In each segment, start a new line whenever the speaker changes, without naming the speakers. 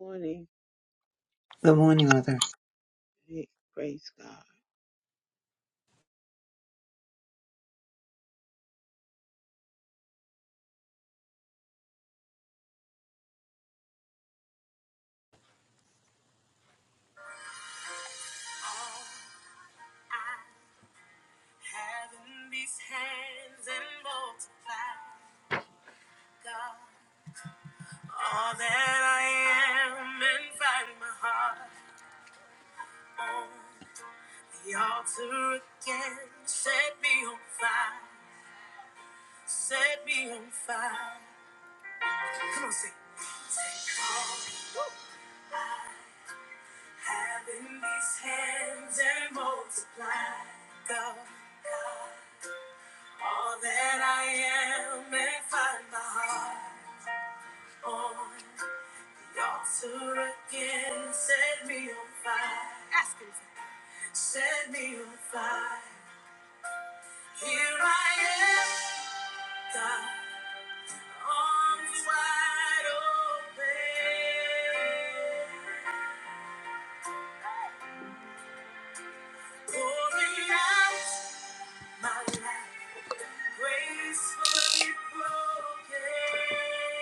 morning.
Good morning, Mother.
Hey, praise God.
Having these hands and multiply, God, all that I am and find my heart on the altar again. Set me on fire, set me on fire. Come on, sing. Having these hands and multiply, God, all that I am and find my heart on. Daughter again, set me on fire. Ask him. Set me on fire. Here I am, God, arms wide open. Pouring out my life, gracefully broken.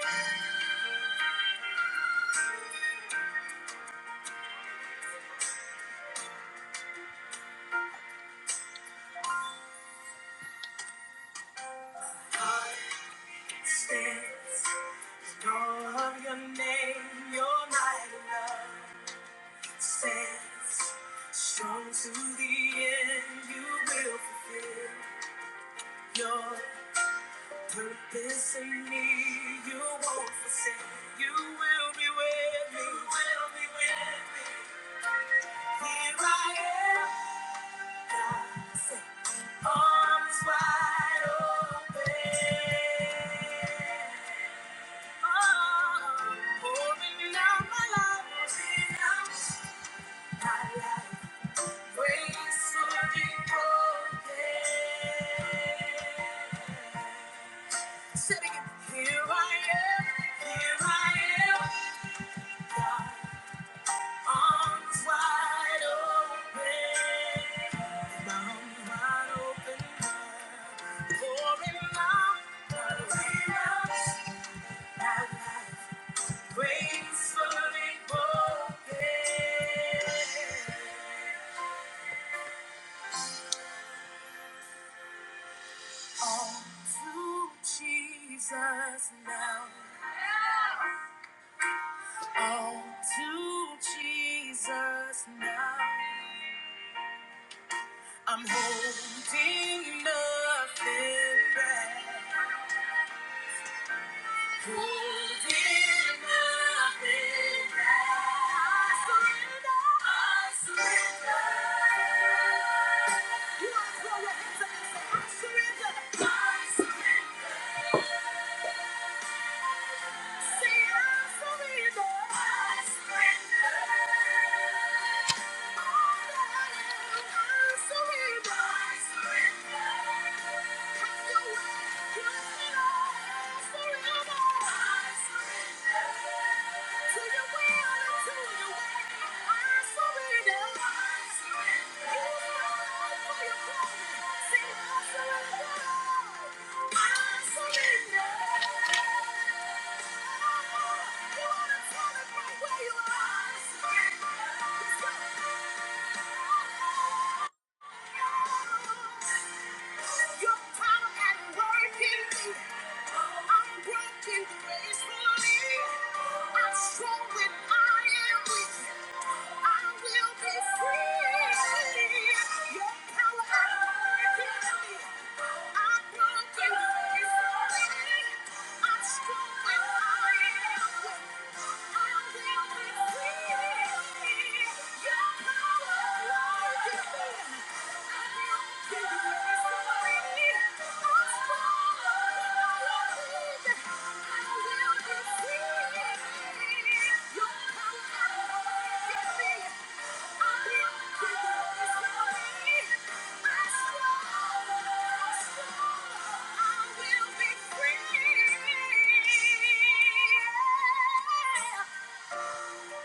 Heart stands, in awe of your name, your mighty love. stands strong to the end. You will fulfill your purpose in me. You won't forsake. You will be with me. You will be with me. Here I am. God said, arms wide open. Oh, pouring out my life. Pouring out my life. Gracefully broken. All to Jesus now. All to Jesus now. I'm holding nothing back. I surrender. Thank you. Your power Yeah. Thank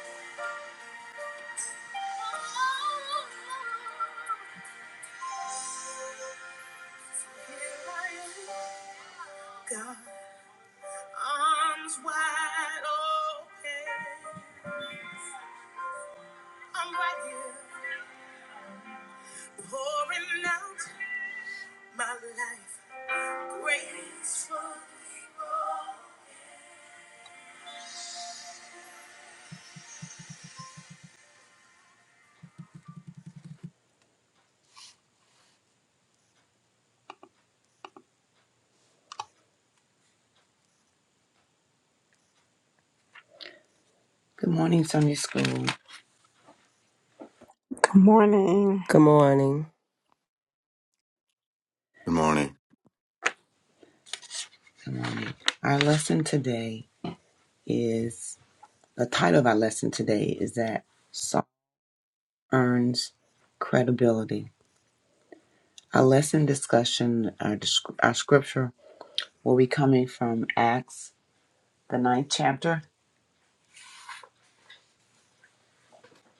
you. God, arms wide open. I'm right here, pouring out my life gracefully. Good morning, Sunday School.
Good morning.
Good morning.
Good morning.
Good morning. Our lesson today is the title of our lesson today is that salt earns credibility. Our lesson discussion, our, desc- our scripture will be coming from Acts, the ninth chapter,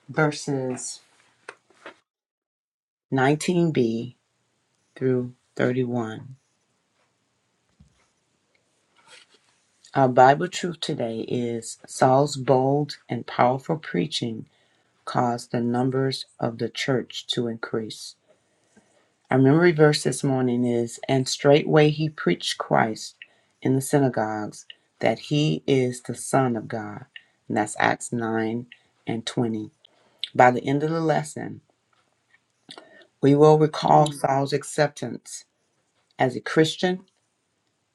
verses 19b through 31. Our Bible truth today is Saul's bold and powerful preaching caused the numbers of the church to increase. Our memory verse this morning is And straightway he preached Christ in the synagogues that he is the Son of God. And that's Acts 9 and 20. By the end of the lesson, we will recall
Mm.
Saul's acceptance as a Christian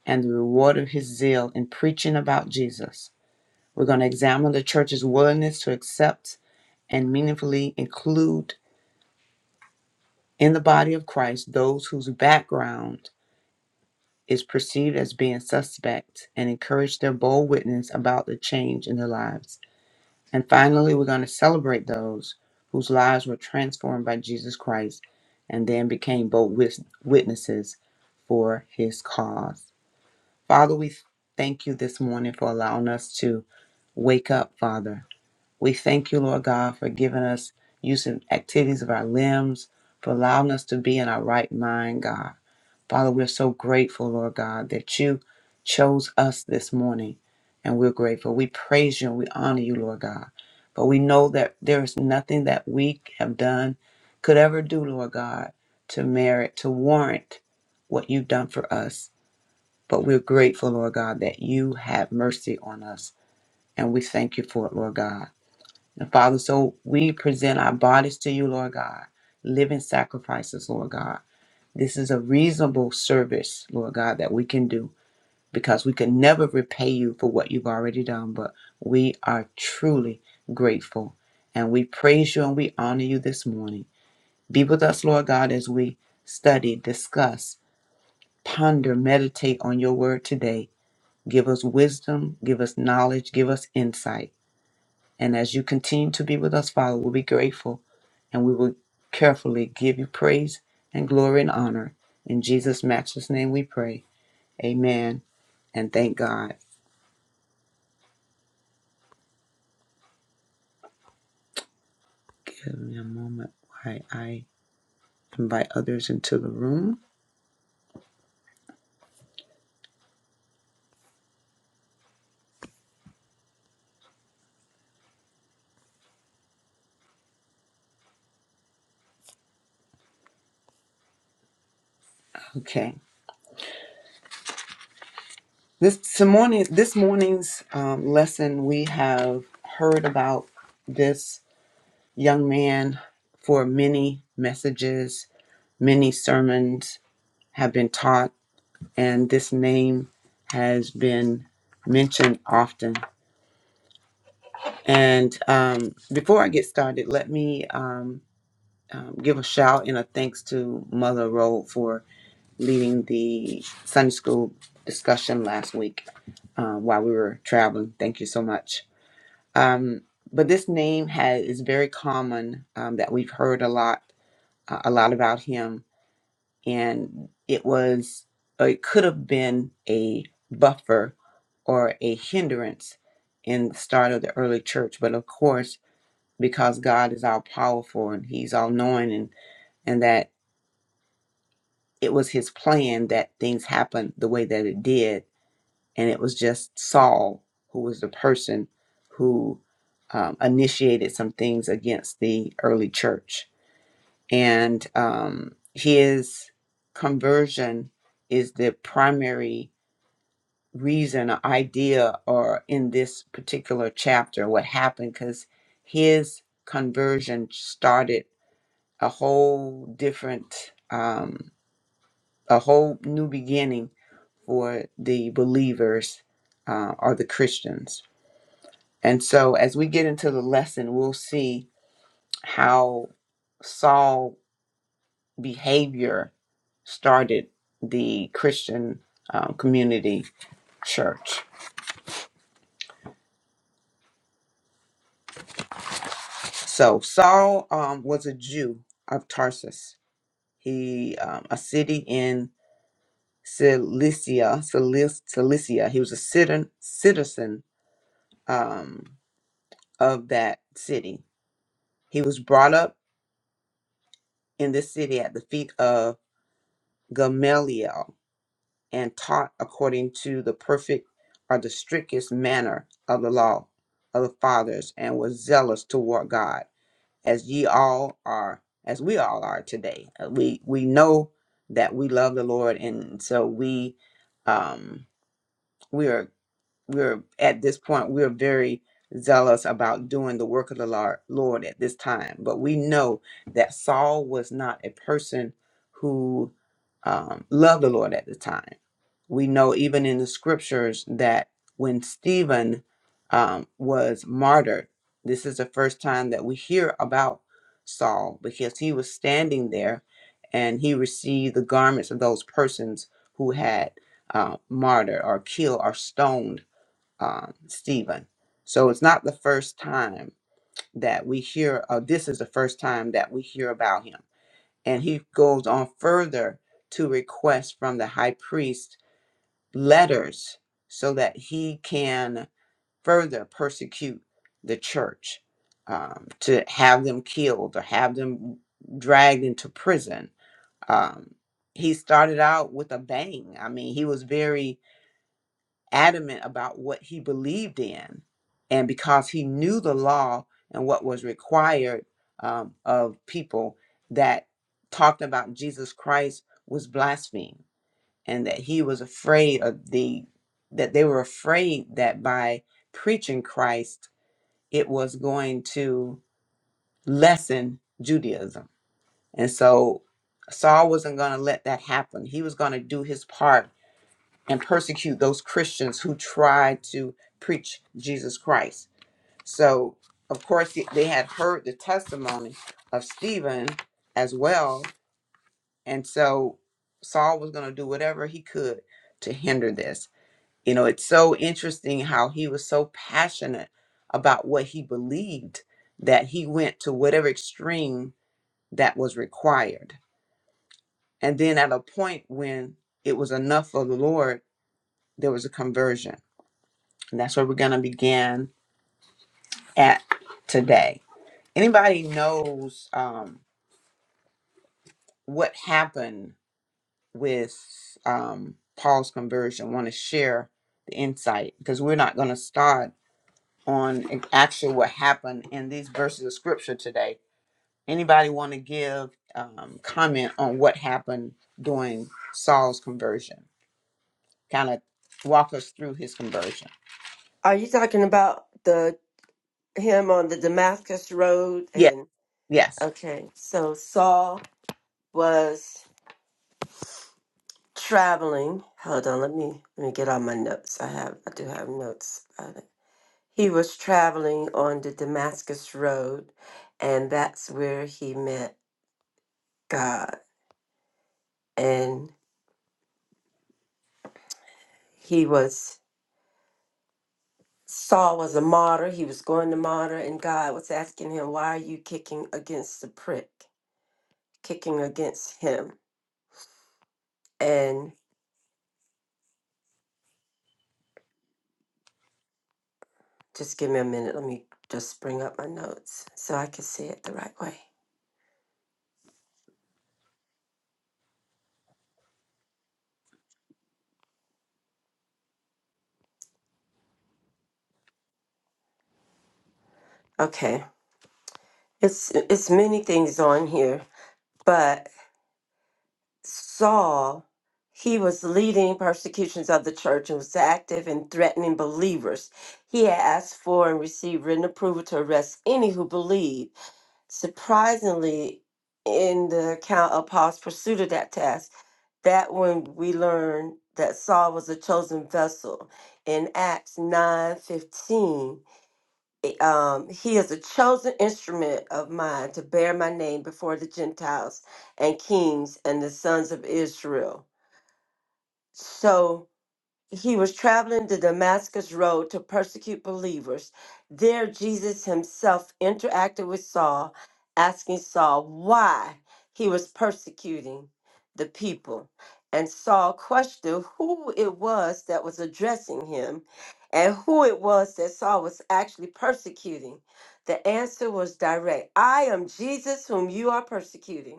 and the reward of his zeal in preaching about Jesus. We're going to examine the church's willingness to accept and meaningfully include in the body of Christ those whose background is perceived as being suspect and encourage their bold witness about the change in their lives. And finally, we're going to celebrate those whose lives were transformed by Jesus Christ and then became bold wis- witnesses for his cause. Father, we thank you this morning for allowing us to wake up, Father. We thank you, Lord God, for giving us use and activities of our limbs, for allowing us to be in our right mind, God. Father, we're so grateful, Lord God, that you chose us this morning, and we're grateful. We praise you and we honor you, Lord God. But we know that there is nothing that we have done, could ever do, Lord God, to merit, to warrant what you've done for us. But we're grateful, Lord God, that you have mercy on us, and we thank you for it, Lord God. And Father, so we present our bodies to you, Lord God, living sacrifices, Lord God this is a reasonable service, Lord God, that we can do because we can never repay you for what you've already done, but we are truly grateful. And we praise you and we honor you this morning. Be with us, Lord God, as we study, discuss, ponder, meditate on your word today. Give us wisdom, give us knowledge, give us insight. And as you continue to be with us, Father, we'll be grateful and we will carefully give you praise and glory and honor. In Jesus' matchless name we pray. Amen. And thank God. Give me a moment while I invite others into the room. Okay. This, so morning, this morning's um, lesson, we have heard about this young man for many messages, many sermons have been taught and this name has been mentioned often. And um, before I get started, let me um, um, give a shout and a thanks to Mother Road for leading the Sunday school discussion last week uh, while we were traveling. Thank you so much. Um, but this name has is very common um, that we've heard a lot, uh, a lot about him and it was or it could have been a buffer or a hindrance in the start of the early church but of course because god is all powerful and he's all knowing and and that it was his plan that things happened the way that it did and it was just saul who was the person who um, initiated some things against the early church and um, his conversion is the primary reason or idea or in this particular chapter what happened because his conversion started a whole different um, a whole new beginning for the believers uh, or the christians and so as we get into the lesson we'll see how saul behavior started the Christian um, community church. So Saul um, was a Jew of Tarsus, he um, a city in Cilicia, Cilic- Cilicia. He was a citizen citizen um, of that city. He was brought up in this city at the feet of Gamaliel, and taught according to the perfect or the strictest manner of the law of the fathers and was zealous toward God as ye all are as we all are today Uh, we we know that we love the Lord and so we um we are we're at this point we're very zealous about doing the work of the Lord Lord at this time but we know that Saul was not a person who um, loved the Lord at the time we know even in the scriptures that when Stephen um, was martyred, this is the first time that we hear about Saul because he was standing there and he received the garments of those persons who had uh, martyred or killed or stoned um, Stephen. So it's not the first time that we hear, uh, this is the first time that we hear about him. And he goes on further to request from the high priest letters so that he can further persecute the church um, to have them killed or have them dragged into prison. Um, he started out with a bang. I mean, he was very adamant about what he believed in. And because he knew the law and what was required um, of people that talked about Jesus Christ was blasphemed and that he was afraid of the that they were afraid that by preaching Christ it was going to lessen Judaism. And so Saul wasn't going to let that happen. He was going to do his part and persecute those Christians who tried to preach Jesus Christ. So of course they had heard the testimony of Stephen as well, and so Saul was going to do whatever he could to hinder this. You know, it's so interesting how he was so passionate about what he believed that he went to whatever extreme that was required. And then at a point when it was enough for the Lord, there was a conversion. And that's where we're going to begin at today. Anybody knows um, what happened with um, Paul's conversion? Want to share the insight? Because we're not going to start. on e, actually what happened in these verses of scripture today. Anybody want to give um, comment on what happened during Saul's conversion? Kind of walk us through his conversion.
Are you talking about the him on the Damascus Road?
Yes,
And
yes,
okay, so Saul was traveling. Hold on, let me let me get all my notes. I have I do have notes about it. He was traveling on the Damascus Road, and that's where he met God. And he was Saul was a martyr. He was going to martyr, and God was asking him, "Why are you kicking against the prick? Kicking against him?" And just give me a minute. Let me just bring up my notes so I can see it the right way. Okay. It's it's many things on here, but Saul, he was leading persecutions of the church and was active in threatening believers. He had asked for and received written approval to arrest any who believed. Surprisingly, in the account of Paul's pursuit of that task. that when we learn that Saul was a chosen vessel in Acts 9 15, Um, he is a chosen instrument of mine to bear my name before the Gentiles and kings and the sons of Israel. So he was traveling the Damascus road to persecute believers. There, Jesus himself interacted with Saul, asking Saul why he was persecuting the people. And Saul questioned who it was that was addressing him and who it was that Saul was actually persecuting. The answer was direct I am Jesus, whom you are persecuting.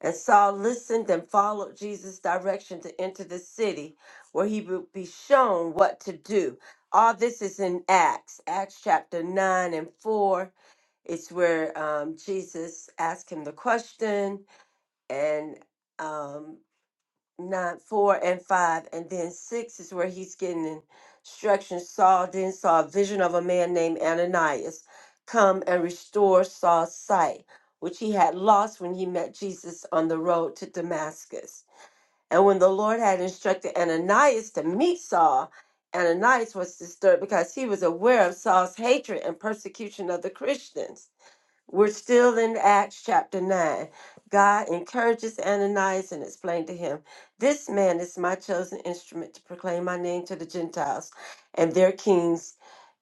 And Saul listened and followed Jesus' direction to enter the city, where he would be shown what to do. All this is in Acts, Acts chapter 9 and 4. It's where um, Jesus asked him the question, and um, nine, four, and five, and then six is where he's getting instructions. Saul then saw a vision of a man named Ananias come and restore Saul's sight, which he had lost when he met Jesus on the road to Damascus. And when the Lord had instructed Ananias to meet Saul, Ananias was disturbed because he was aware of Saul's hatred and persecution of the Christians. We're still in Acts chapter 9. God encourages Ananias and explained to him, This man is my chosen instrument to proclaim my name to the Gentiles and their kings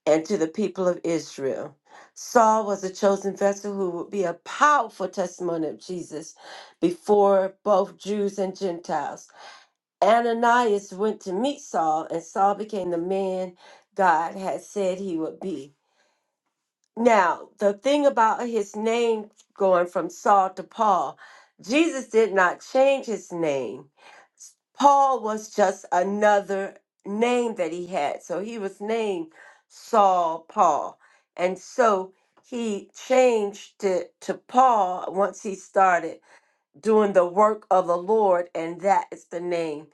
and to the people of Israel. Saul was a chosen vessel who would be a powerful testimony of Jesus before both Jews and Gentiles. Ananias went to meet Saul, and Saul became the man God had said he would be. Now, the thing about his name going from Saul to Paul, Jesus did not change his name. Paul was just another name that he had. So he was named Saul Paul. And so he changed it to Paul once he started doing the work of the Lord. And that is the name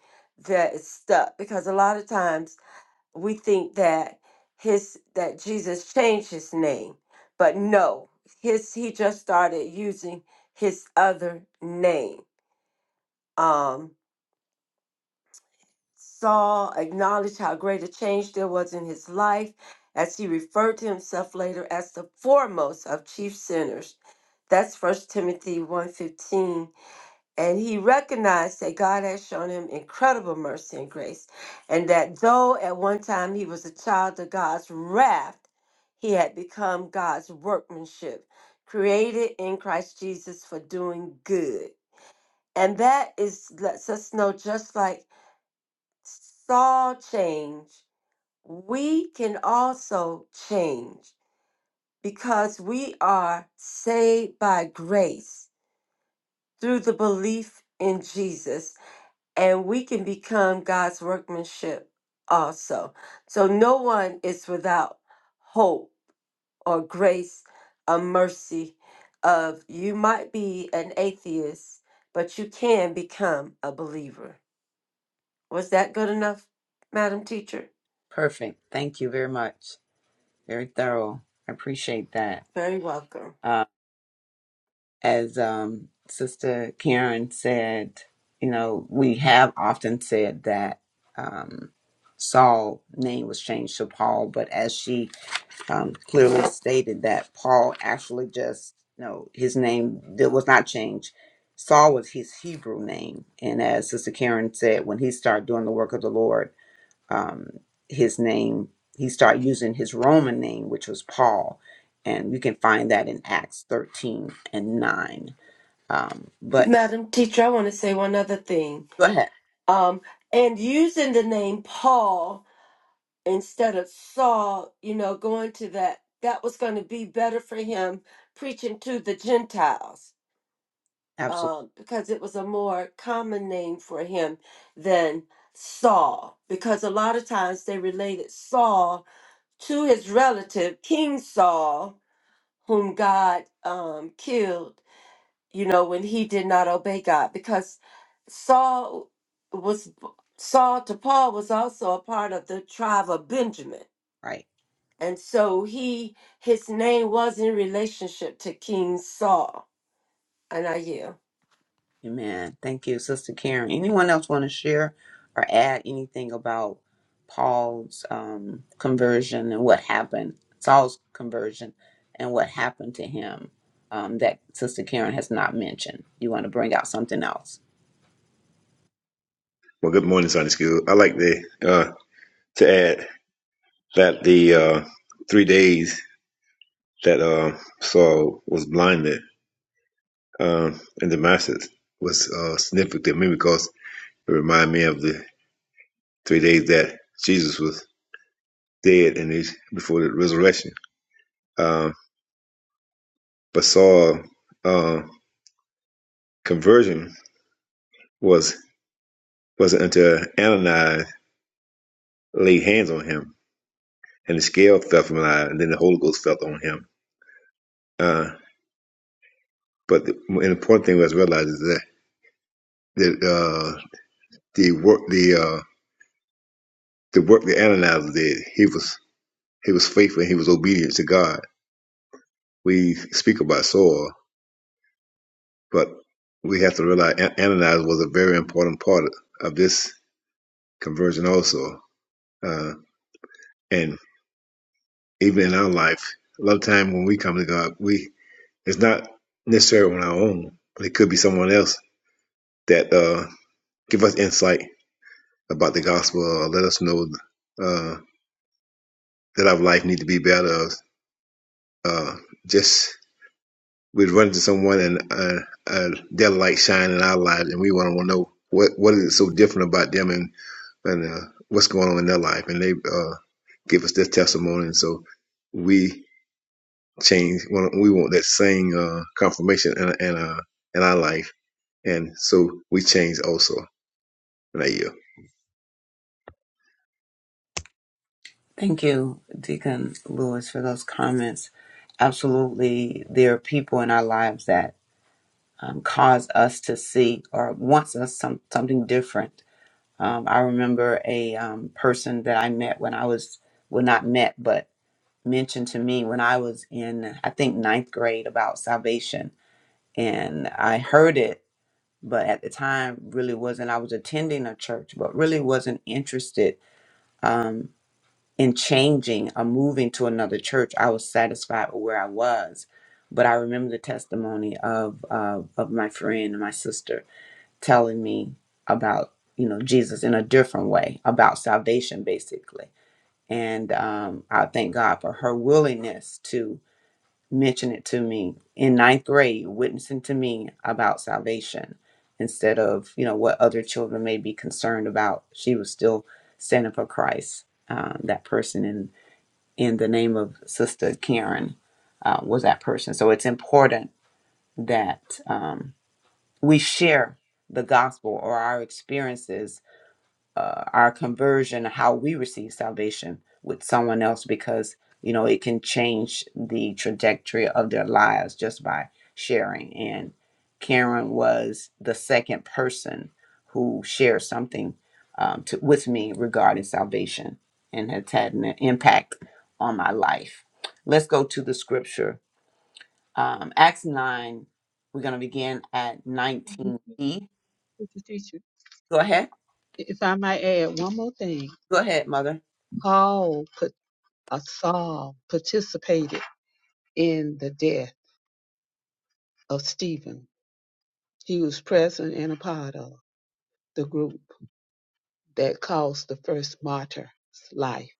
that is stuck. Because a lot of times, we think that his that Jesus changed his name, but no, his he just started using his other name. Um, Saul acknowledged how great a change there was in his life as he referred to himself later as the foremost of chief sinners. That's First Timothy one fifteen. And he recognized that God has shown him incredible mercy and grace, and that though at one time he was a child of God's wrath, he had become God's workmanship, created in Christ Jesus for doing good. And that is lets us know just like Saul changed, we can also change because we are saved by grace through the belief in Jesus and we can become God's workmanship also. So no one is without hope or grace or mercy of you might be an atheist, but you can become a believer. Was that good enough, Madam Teacher?
perfect. Thank you very much. Very thorough. I appreciate that.
Very welcome.
as um, Sister Karen said, you know, we have often said that um, Saul's name was changed to Paul, but as she um, clearly stated, that Paul actually just, you know, his name did, was not changed. Saul was his Hebrew name. And as Sister Karen said, when he started doing the work of the Lord, um, his name. He started using his Roman name, which was Paul, and you can find that in Acts thirteen and nine. Um, but
Madam Teacher, I want to say one other thing.
go ahead,
Um, and using the name Paul instead of Saul, you know, going to that, that was going to be better for him preaching to the Gentiles
absolutely
um, because it was a more common name for him than Saul. Because a lot of times they related Saul to his relative, King Saul, whom God um, killed, you know, when he did not obey God. Because Saul was, Saul to Paul was also a part of the tribe of Benjamin
right,
And so he his name was in relationship to King Saul. And I hear.
Amen. Thank you, Sister Karen. Anyone else want to share or add anything about Paul's um, conversion and what happened? Saul's conversion and what happened to him um, that Sister Karen has not mentioned. You want to bring out something else?
Well, good morning, Sunday School. I like the uh, to add that the uh, three days that uh, Saul was blinded um, in Damascus was uh, significant to me because it reminded me of the three days that Jesus was dead and he's before the resurrection. Um, but Saul uh, conversion was wasn't until Ananias laid hands on him and the scale fell from his eye, and then the Holy Ghost fell on him. Uh, but the, an important thing was realized is that. that uh, the work the uh, the work the Ananias did. He was he was faithful and he was obedient to God. We speak about Saul, but we have to realize An- Ananias was a very important part of this conversion also. Uh, and even in our life, a lot of time when we come to God, we it's not necessarily on our own, but it could be someone else that uh, give us insight about the gospel or let us know uh, that our life need to be better. Uh, just We'd run into someone and uh, uh, their light shine in our lives, and we want to know what what is so different about them and and uh, what's going on in their life, and they uh, give us their testimony, and so we change. want- We want that same uh, confirmation in in, uh, in our life, and so we change also in that year.
Thank you, Deacon Lewis, for those comments. Absolutely, there are people in our lives that um, cause us to see or wants us some something different. Um, I remember a um, person that I met when I was well, not met, but mentioned to me when I was in, I think ninth grade about salvation, and I heard it, but at the time really wasn't. I was attending a church, but really wasn't interested um, in changing or moving to another church, I was satisfied with where I was. But I remember the testimony of uh, of my friend and my sister telling me about you know Jesus in a different way about salvation, basically. And um, I thank God for her willingness to mention it to me in ninth grade, witnessing to me about salvation instead of you know what other children may be concerned about. She was still standing for Christ. Um, that person in in the name of Sister Karen uh, was that person. So it's important that um, we share the gospel or our experiences uh, our conversion, how we receive salvation with someone else, because you know it can change the trajectory of their lives just by sharing. And Karen was the second person who shared something um, to, with me regarding salvation, and has had an impact on my life. Let's go to the scripture, um, Acts nine. We're going to begin at
Thank you,
nineteen
teacher,
e.
teacher, teacher.
Go ahead.
If I might add one more thing,
Go ahead, mother.
Paul put uh, Saul participated in the death of Stephen. He was present and a part of the group that caused the first martyr's life.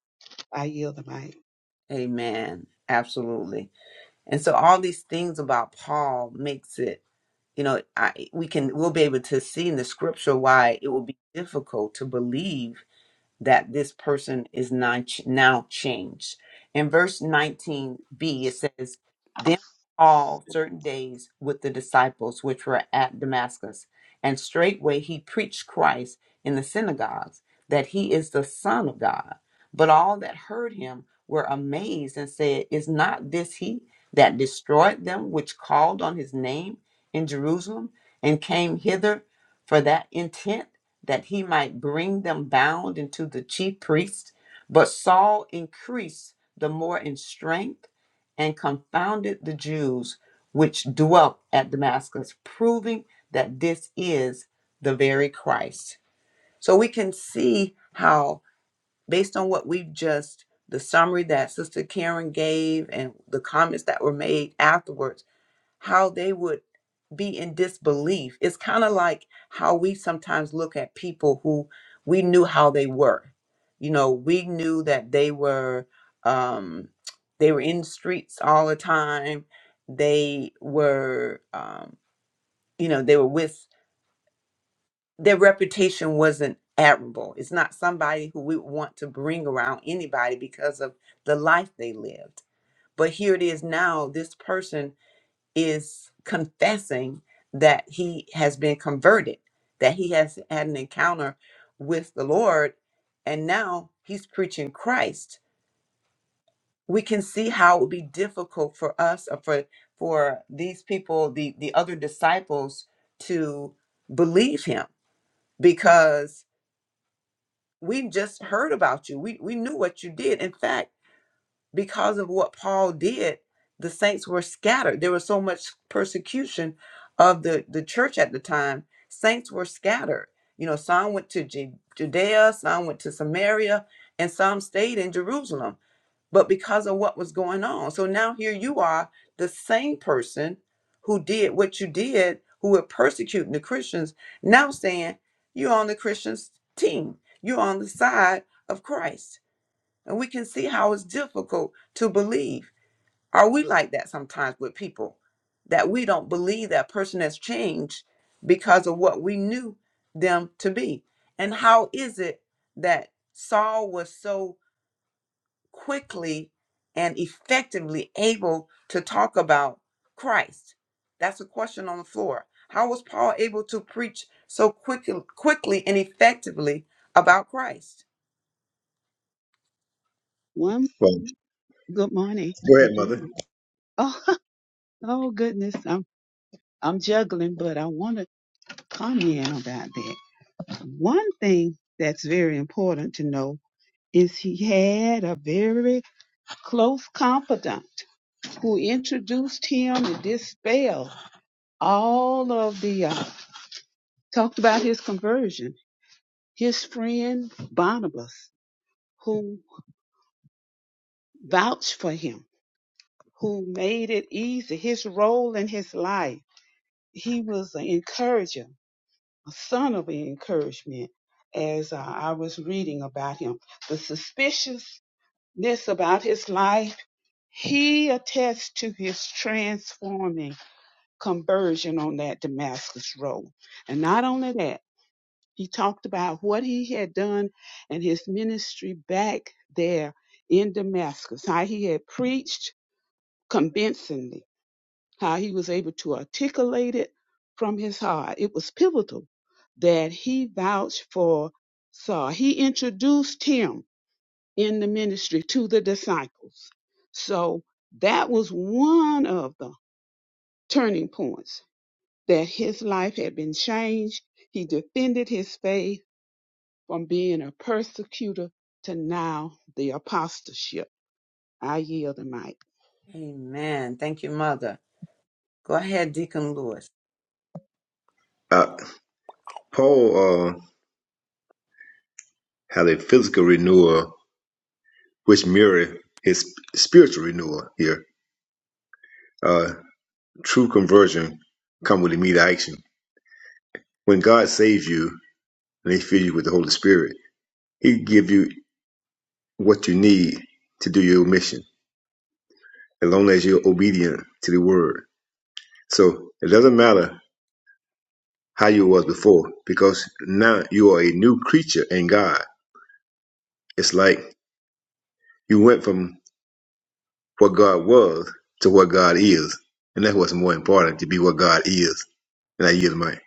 I yield the mic.
Amen. Absolutely. And so all these things about Paul makes it, you know, I we can we'll be able to see in the scripture why it will be difficult to believe that this person is now now changed. In verse 19b, it says, Then all certain days with the disciples which were at Damascus, and straightway he preached Christ in the synagogues, that he is the Son of God. But all that heard him were amazed and said, Is not this he that destroyed them which called on his name in Jerusalem and came hither? for that intent that he might bring them bound into the chief priest. But Saul increased the more in strength and confounded the Jews which dwelt at Damascus, proving that this is the very Christ. So we can see how, based on what we've just, the summary that Sister Karen gave and the comments that were made afterwards, how they would be in disbelief. It's kind of like how we sometimes look at people who we knew how they were. You know, we knew that they were um, they were in the streets all the time. They were, um, you know, they were with their reputation wasn't admirable. It's not somebody who we want to bring around anybody because of the life they lived. But here it is now. This person is confessing that he has been converted, that he has had an encounter with the Lord, and now he's preaching Christ. We can see how it would be difficult for us or for for these people, the the other disciples, to believe him because we just heard about you. We we knew what you did. In fact because of what Paul did, the saints were scattered. There was so much persecution of the, the church at the time. Saints were scattered. You know, some went to Ju- Judea, some went to Samaria, and some stayed in Jerusalem, but because of what was going on. So now here you are, the same person who did what you did, who were persecuting the Christians, now saying you're on the Christians' team, you're on the side of Christ and we can see how it's difficult to believe. Are we like that sometimes with people that we don't believe that person has changed because of what we knew them to be? And how is it that Saul was so quickly and effectively able to talk about Christ? That's a question on the floor. How was Paul able to preach so quickly, quickly and effectively about Christ?
One
Well,
good morning
go ahead, mother.
again. Oh, oh goodness, I'm I'm juggling, but I want to comment about that. One thing that's very important to know is he had a very close confidant who introduced him and dispelled all of the uh, talked about his conversion. His friend Barnabas, who vouched for him, who made it easy, his role in his life. He was an encourager, a son of encouragement, as uh, I was reading about him. The suspiciousness about his life He attests to his transforming conversion on that Damascus road. And not only that, he talked about what he had done and his ministry back there in Damascus, how he had preached convincingly, how he was able to articulate it from his heart. It was pivotal that he vouched for Saul. He introduced him in the ministry to the disciples. So that was one of the turning points that his life had been changed. He defended his faith from being a persecutor to now the apostleship. I yield the mic.
Amen. Thank you, Mother. Go ahead, Deacon Lewis.
Uh, Paul uh, had a physical renewal, which mirrored his spiritual renewal here. Uh, True conversion come with immediate action. When God saves you and He fills you with the Holy Spirit, He give you what you need to do your mission, as long as you're obedient to the Word. So it doesn't matter how you was before, because now you are a new creature in God. It's like you went from what God was to what God is, and that's what's more important to be what God is. And I yield my. It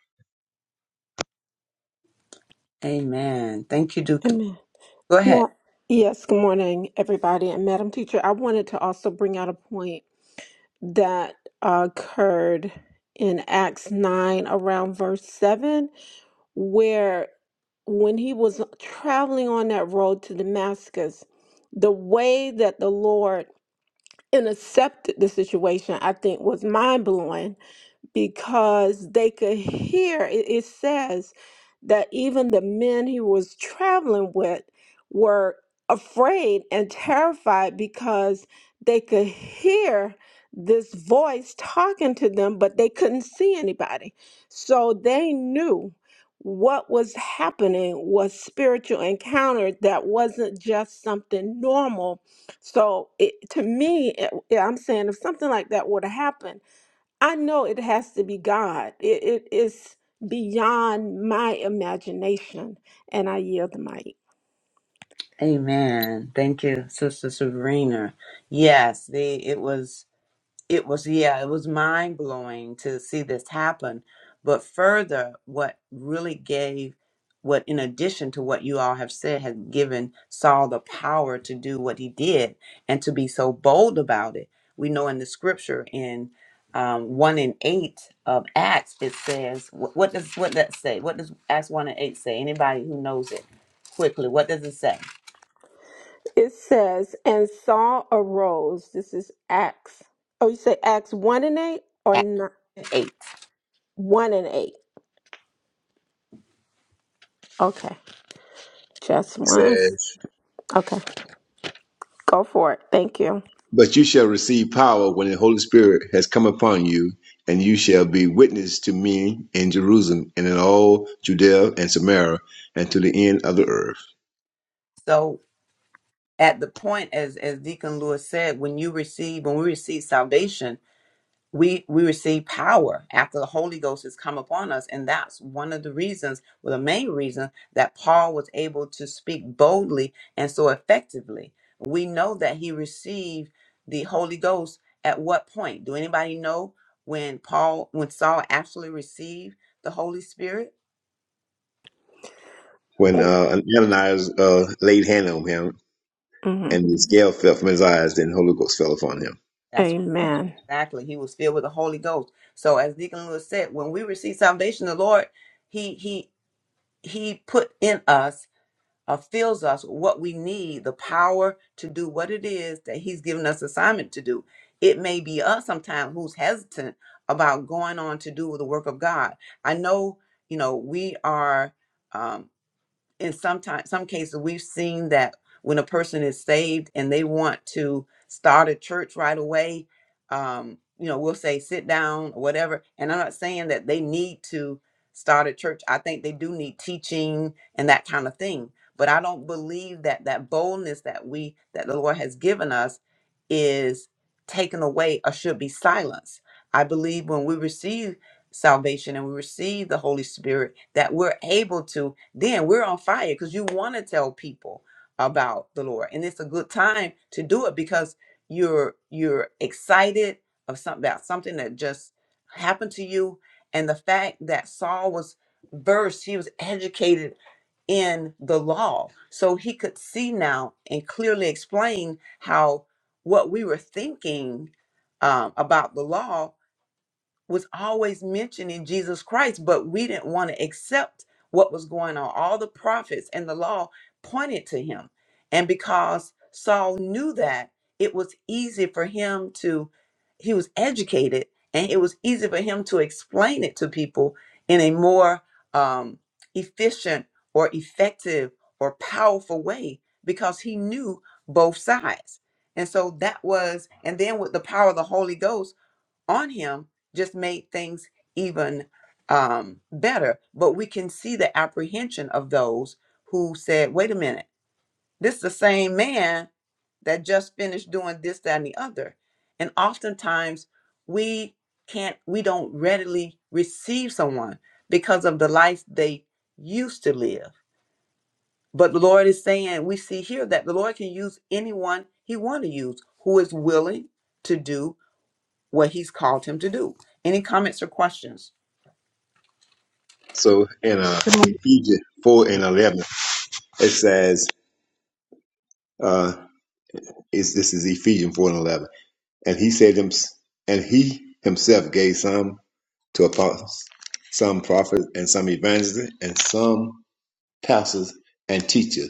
Amen. Thank you, Deacon.
Amen.
Go ahead.
Ma- yes, good morning, everybody. And Madam Teacher, I wanted to also bring out a point that occurred in Acts 9 around verse 7, where when he was traveling on that road to Damascus, the way that the Lord intercepted the situation, I think, was mind blowing because they could hear it, it says that even the men he was traveling with were afraid and terrified because they could hear this voice talking to them but they couldn't see anybody so they knew what was happening was spiritual encounter that wasn't just something normal so it, to me it, yeah, i'm saying if something like that would have happened I know it has to be God. It, it is beyond my imagination. And I yield the mic.
Amen. Thank you, Sister Sabrina. Yes, they. It was. it was yeah it was mind blowing to see this happen but further what really gave what in addition to what you all have said had given saul the power to do what he did and to be so bold about it we know in the scripture in um, 1 and 8 of acts it says wh- what does what that say what does acts 1 and 8 say anybody who knows it quickly what does it say
It says, and Saul arose. This is Acts. Oh, you say Acts 1 and 8 or
acts
not?
8
1 and 8. Okay. Just
says.
once. Okay. Go for it. Thank you.
But you shall receive power when the Holy Spirit has come upon you, and you shall be witness to me in Jerusalem and in all Judea and Samaria and to the end of the earth.
So at the point as as deacon lewis said when you receive when we receive salvation we we receive power after the holy ghost has come upon us and that's one of the reasons well the main reason that paul was able to speak boldly and so effectively we know that he received the holy ghost at what point do anybody know when paul when saul actually received the holy spirit
When uh, Ananias uh, laid hand on him,
hmm
and the scale fell from his eyes, then the Holy Ghost fell upon him.
Amen.
Exactly. He was filled with the Holy Ghost. So as Deacon Lewis said, when we receive salvation, the Lord, He He He put in us, uh, fills us what we need, the power to do what it is that He's given us assignment to do. It may be us sometimes who's hesitant about going on to do the work of God. I know, you know, we are. um, in sometimes some cases we've seen that when a person is saved and they want to start a church right away um you know we'll say sit down or whatever and i'm not saying that they need to start a church i think they do need teaching and that kind of thing but i don't believe that that boldness that we that the lord has given us is taken away or should be silenced i believe when we receive salvation and we receive the holy spirit that we're able to, then we're on fire because you want to tell people about the Lord. And it's a good time to do it because you're you're excited of something about something that just happened to you. And the fact that Saul was versed, he was educated in the law. So he could see now and clearly explain how what we were thinking um, about the law was always mentioning Jesus Christ, but we didn't want to accept what was going on. All the prophets and the law pointed to him. And because Saul knew that, it was easy for him to, he was educated, and it was easy for him to explain it to people in a more um, efficient or effective or powerful way because he knew both sides. And so that was, and then with the power of the Holy Ghost on him just made things even um, better. But we can see the apprehension of those who said, wait a minute, this is the same man that just finished doing this, that, and the other. And oftentimes we can't, we don't readily receive someone because of the life they used to live. But the Lord is saying, we see here that the Lord can use anyone he want to use who is willing to do what he's called him to do. Any comments or questions?
So in uh,
Good morning.
Ephesians 4 and
Good
11, it says, Uh, is this is Ephesians four and eleven, and he said him, and he himself gave some to apostles, some prophets, and some evangelists, and some pastors and teachers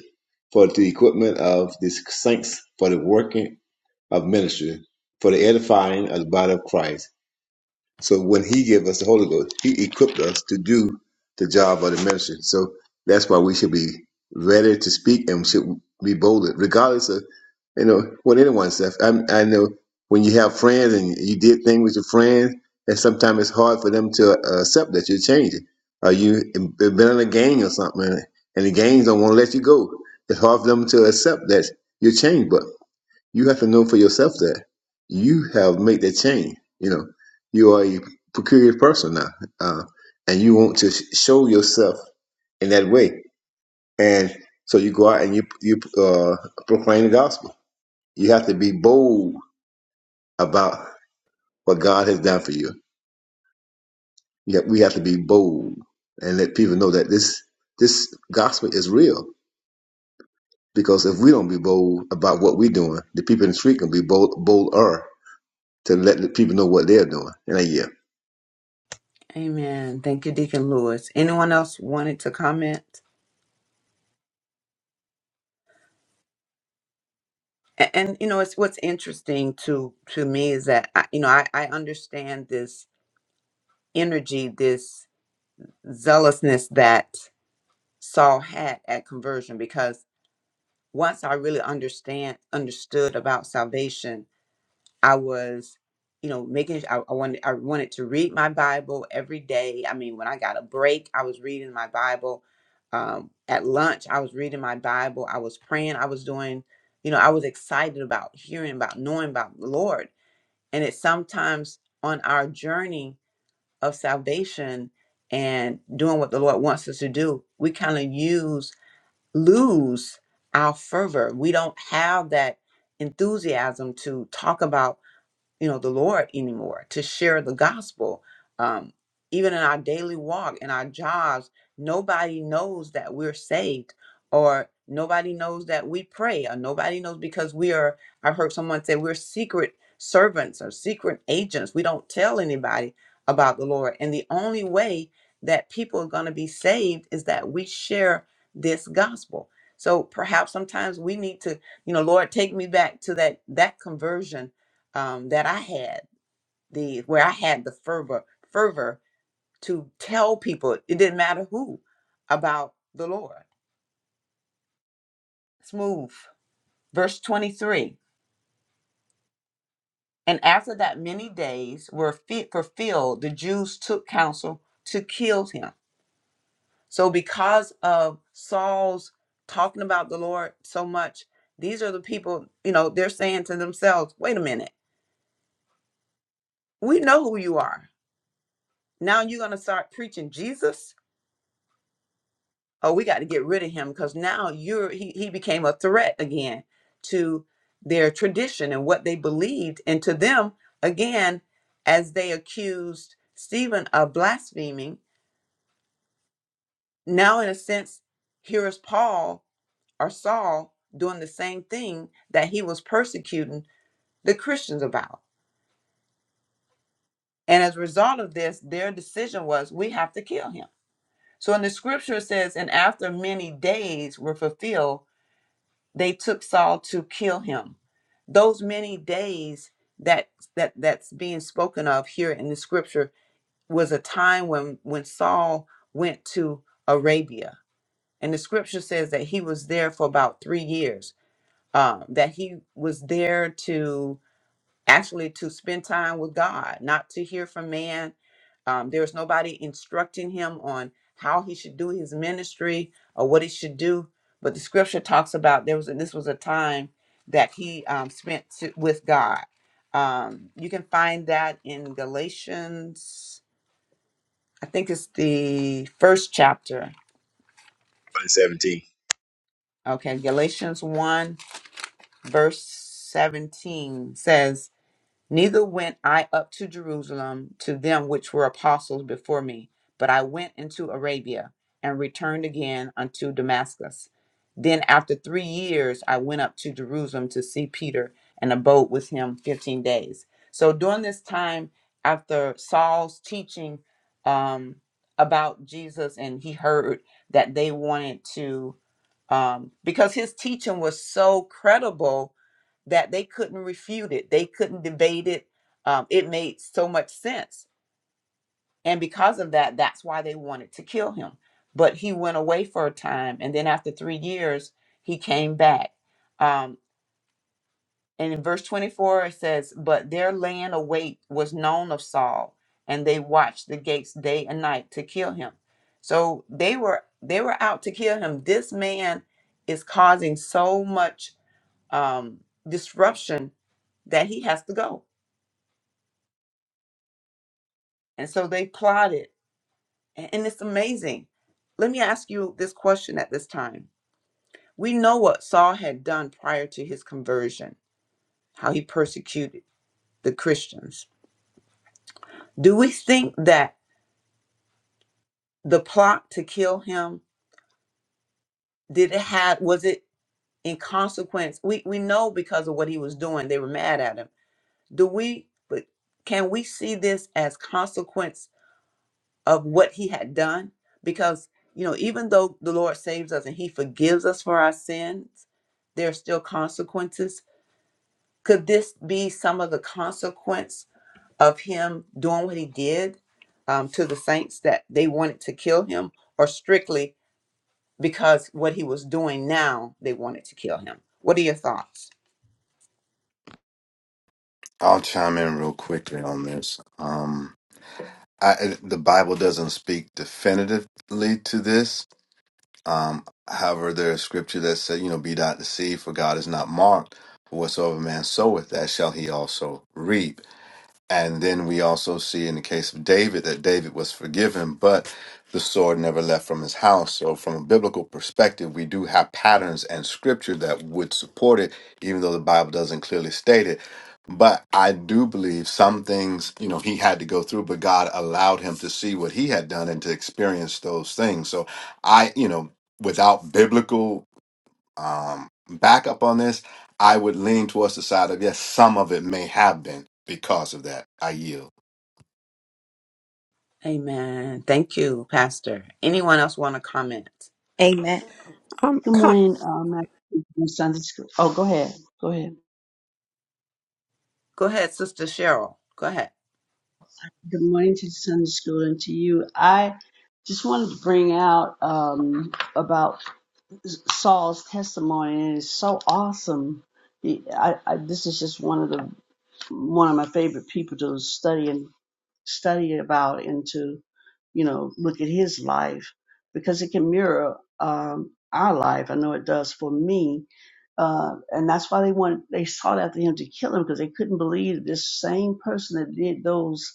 for the equipment of the saints, for the working of ministry, for the edifying of the body of Christ so when he gave us the Holy Ghost, he equipped us to do the job of the ministry. So that's why we should be ready to speak and we should be bolded, regardless of you know what anyone says. I, I know when you have friends and you did things with your friends, and sometimes it's hard for them to uh, accept that you're changing. Or you have been in a gang or something, and and the gangs don't want to let you go. It's hard for them to accept that you're changed you have to know for yourself that you have made that change. You know, you are a peculiar person now, uh, and you want to sh- show yourself in that way. And so you go out and you you uh, proclaim the gospel. You have to be bold about what God has done for you. you have, we have to be bold and let people know that this this gospel is real. Because if we don't be bold about what we're doing, the people in the street can be bold bolder to let the people know what they're doing. And I, yeah.
Amen. Thank you, Deacon Lewis. Anyone else wanted to comment? A- And, you know, it's what's interesting to to me is that I, you know I, I understand this energy, this zealousness that Saul had at conversion because once I really understand understood about salvation I was, you know, making. I, I wanted. I wanted to read my Bible every day. I mean, when I got a break, I was reading my Bible. Um, at lunch, I was reading my Bible. I was praying. I was doing. You know, I was excited about hearing about knowing about the Lord. And it's sometimes on our journey of salvation and doing what the Lord wants us to do, we kind of use lose our fervor. We don't have that enthusiasm to talk about you know the lord anymore to share the gospel um even in our daily walk in our jobs nobody knows that we're saved or nobody knows that we pray or nobody knows because we are i've heard someone say we're secret servants or secret agents we don't tell anybody about the lord and the only way that people are going to be saved is that we share this gospel so perhaps sometimes we need to you know lord take me back to that that conversion um, that I had the where I had the fervor fervor to tell people it didn't matter who about the Lord. Let's move verse twenty three. And after that, many days were fit fulfilled. The Jews took counsel to kill him. So because of Saul's talking about the Lord so much, these are the people. You know, they're saying to themselves, "Wait a minute, we know who you are. Now you're going to start preaching Jesus." oh we got to get rid of him because now you're he, he became a threat again to their tradition and what they believed and to them again as they accused stephen of blaspheming now in a sense here is paul or saul doing the same thing that he was persecuting the christians about and as a result of this their decision was we have to kill him so in the scripture it says and after many days were fulfilled they took Saul to kill him. Those many days that that that's being spoken of here in the scripture was a time when when Saul went to Arabia, and the scripture says that he was there for about three years. Uh, that he was there to actually to spend time with God, not to hear from man. Um, there was nobody instructing him on how he should do his ministry or what he should do. But the scripture talks about there was this was a time that he um, spent to, with God. Um, you can find that in Galatians, I think it's the first chapter. Okay, Galatians 1, verse 17 says, Neither went I up to Jerusalem to them which were apostles before me, but I went into Arabia and returned again unto Damascus. Then after three years I went up to Jerusalem to see Peter and abode with him 15 days. So during this time, after Saul's teaching um, about Jesus, and he heard that they wanted to, um, because his teaching was so credible that they couldn't refute it, they couldn't debate it. Um, it made so much sense. And because of that, that's why they wanted to kill him. But he went away for a time. And then after three years, he came back. Um, and in verse 24, it says, But their land await was known of Saul, and they watched the gates day and night to kill him. So they were they were out to kill him. This man is causing so much um, disruption that he has to go And so they plotted. A- And it's amazing. Let me ask you this question at this time. We know what Saul had done prior to his conversion, how he persecuted the Christians. Do we think that the plot to kill him did it had was it in consequence? We we know because of what he was doing, they were mad at him. Do we but can we see this as consequence of what he had done because you know even though the lord saves us and he forgives us for our sins there are still consequences could this be some of the consequence of him doing what he did um, to the saints that they wanted to kill him or strictly because what he was doing now they wanted to kill him what are your thoughts
I'll chime in real quickly on this. Um, I, the Bible doesn't speak definitively to this. Um, however, there is scripture that said, you know, be not deceived, for God is not mocked. For whatsoever man soweth, that shall he also reap. And then we also see in the case of David that David was forgiven, but the sword never left from his house. So, from a biblical perspective, we do have patterns and scripture that would support it, even though the Bible doesn't clearly state it. But I do believe some things, you know, he had to go through, but God allowed him to see what he had done and to experience those things. So, I, you know, without biblical um, back up on this, I would lean towards the side of yes, some of it may have been because of that. I yield.
amen thank you pastor anyone else want to comment
Amen.
Um, con-
morning, um, Madam Teacher in Sunday school. Oh, go ahead. Go ahead.
go ahead sister cheryl go ahead
Good morning to Sunday school and to you. I just wanted to bring out um, about Saul's testimony, and it's so awesome. The, I, I, this is just one of the one of my favorite people to study study about and to, you know, look at his life because it can mirror um, our life. I know it does for me. Uh, and that's why they wanted, they sought after him to kill him because they couldn't believe that this same person that did those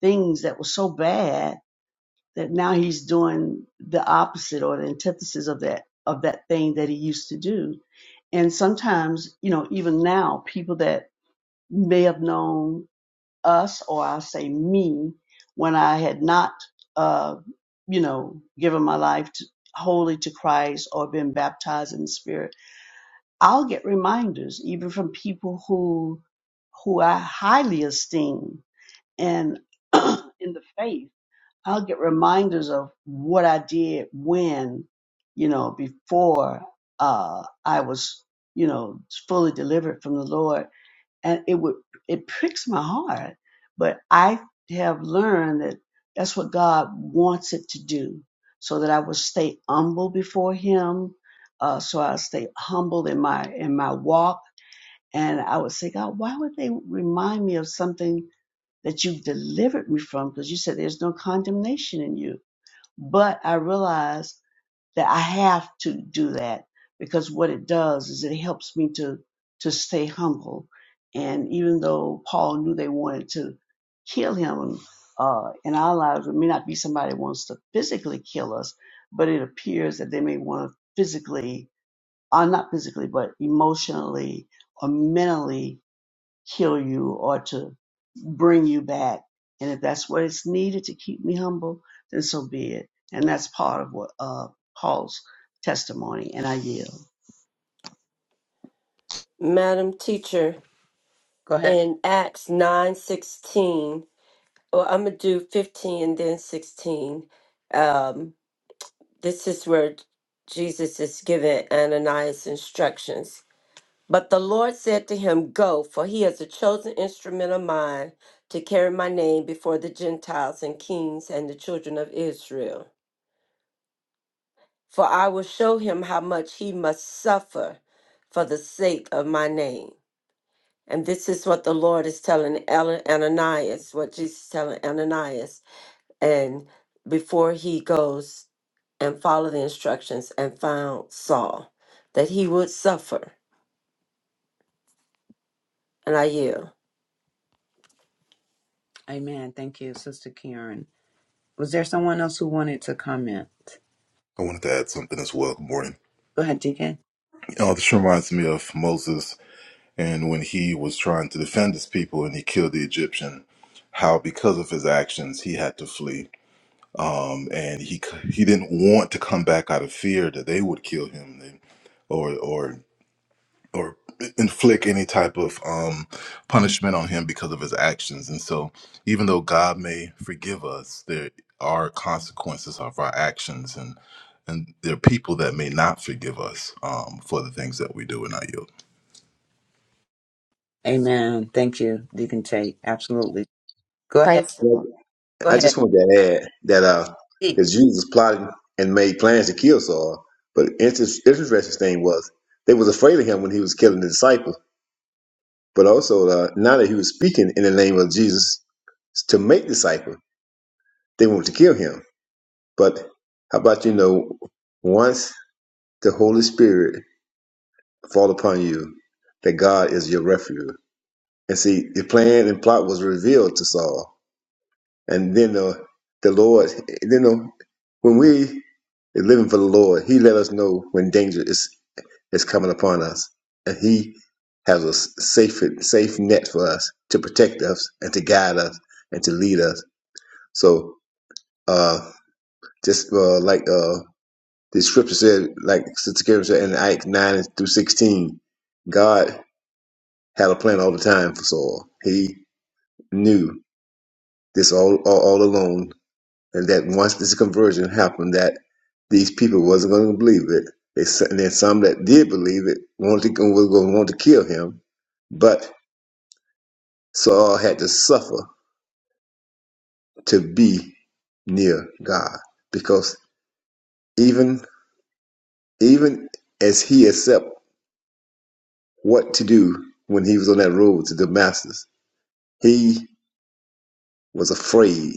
things that were so bad that now he's doing the opposite or the antithesis of that, of that thing that he used to do. And sometimes, you know, even now people that may have known us or I will say me when I had not, uh, you know, given my life to, wholly to Christ or been baptized in the Spirit. I'll get reminders even from people who who I highly esteem and in the faith. I'll get reminders of what I did when, you know, before uh, I was, you know, fully delivered from the Lord and it would it pricks my heart but i have learned that that's what god wants it to do so that i would stay humble before him uh, so i stay humble in my in my walk and i would say god why would they remind me of something that you've delivered me from because you said there's no condemnation in you but i realized that I have to do that because what it does is it helps me to to stay humble. And even though Paul knew they wanted to kill him, uh, in our lives it may not be somebody that wants to physically kill us, but it appears that they may want to physically, uh, not physically, but emotionally or mentally Kill you or to bring you back. And if that's what is needed to keep me humble, then so be it. And that's part of what uh, Paul's testimony. And I yield.
Madam teacher
go ahead
in Acts nine sixteen. Well, I'm gonna do fifteen and then sixteen. Um, this is where Jesus is giving Ananias instructions. But the Lord said to him, Go, for he is a chosen instrument of mine to carry my name before the Gentiles and kings and the children of Israel. For I will show him how much he must suffer for the sake of my name. And this is what the Lord is telling Ana- Ananias, what Jesus is telling Ananias. And before he goes and follow the instructions and found Saul, that he would suffer. And I yield.
amen thank you sister karen Was there someone else who wanted to comment?
I wanted to add something as well. Good morning.
Go ahead, Deacon.
Oh, this reminds me of Moses and when he was trying to defend his people and he killed the Egyptian. How because of his actions he had to flee, um, and he he didn't want to come back out of fear that they would kill him, or or or inflict any type of um, punishment on him because of his actions. And so, even though God may forgive us, there are consequences of our actions, and and there are people that may not forgive us um, for the things that we do in our youth.
Amen. Thank you, Deacon Tate. Absolutely. Go ahead. Go
I
ahead.
just wanted to add that uh,
Speak.
because Jesus plotted and made plans to kill Saul, but inter- interesting thing was they was afraid of him when he was killing the disciples. But also uh, now that he was speaking in the name of Jesus to make disciples, they wanted to kill him. But how about you know once the Holy Spirit fall upon you, that God is your refuge. And see, the plan and plot was revealed to Saul. And then the the Lord, you know, when we are living for the Lord, He let us know when danger is is coming upon us, and He has a safe safe net for us to protect us and to guide us and to lead us. So, uh, just uh, like uh, the scripture said, like Sister Karen said in Ike nine through sixteen, God had a plan all the time for Saul. He knew this all all, all along and that once this conversion happened, that these people wasn't going to believe it. They, and then some that did believe it wanted to, was going to want to kill him, but Saul had to suffer to be near God because even even as he accepted what to do when he was on that road to Damascus, he was afraid.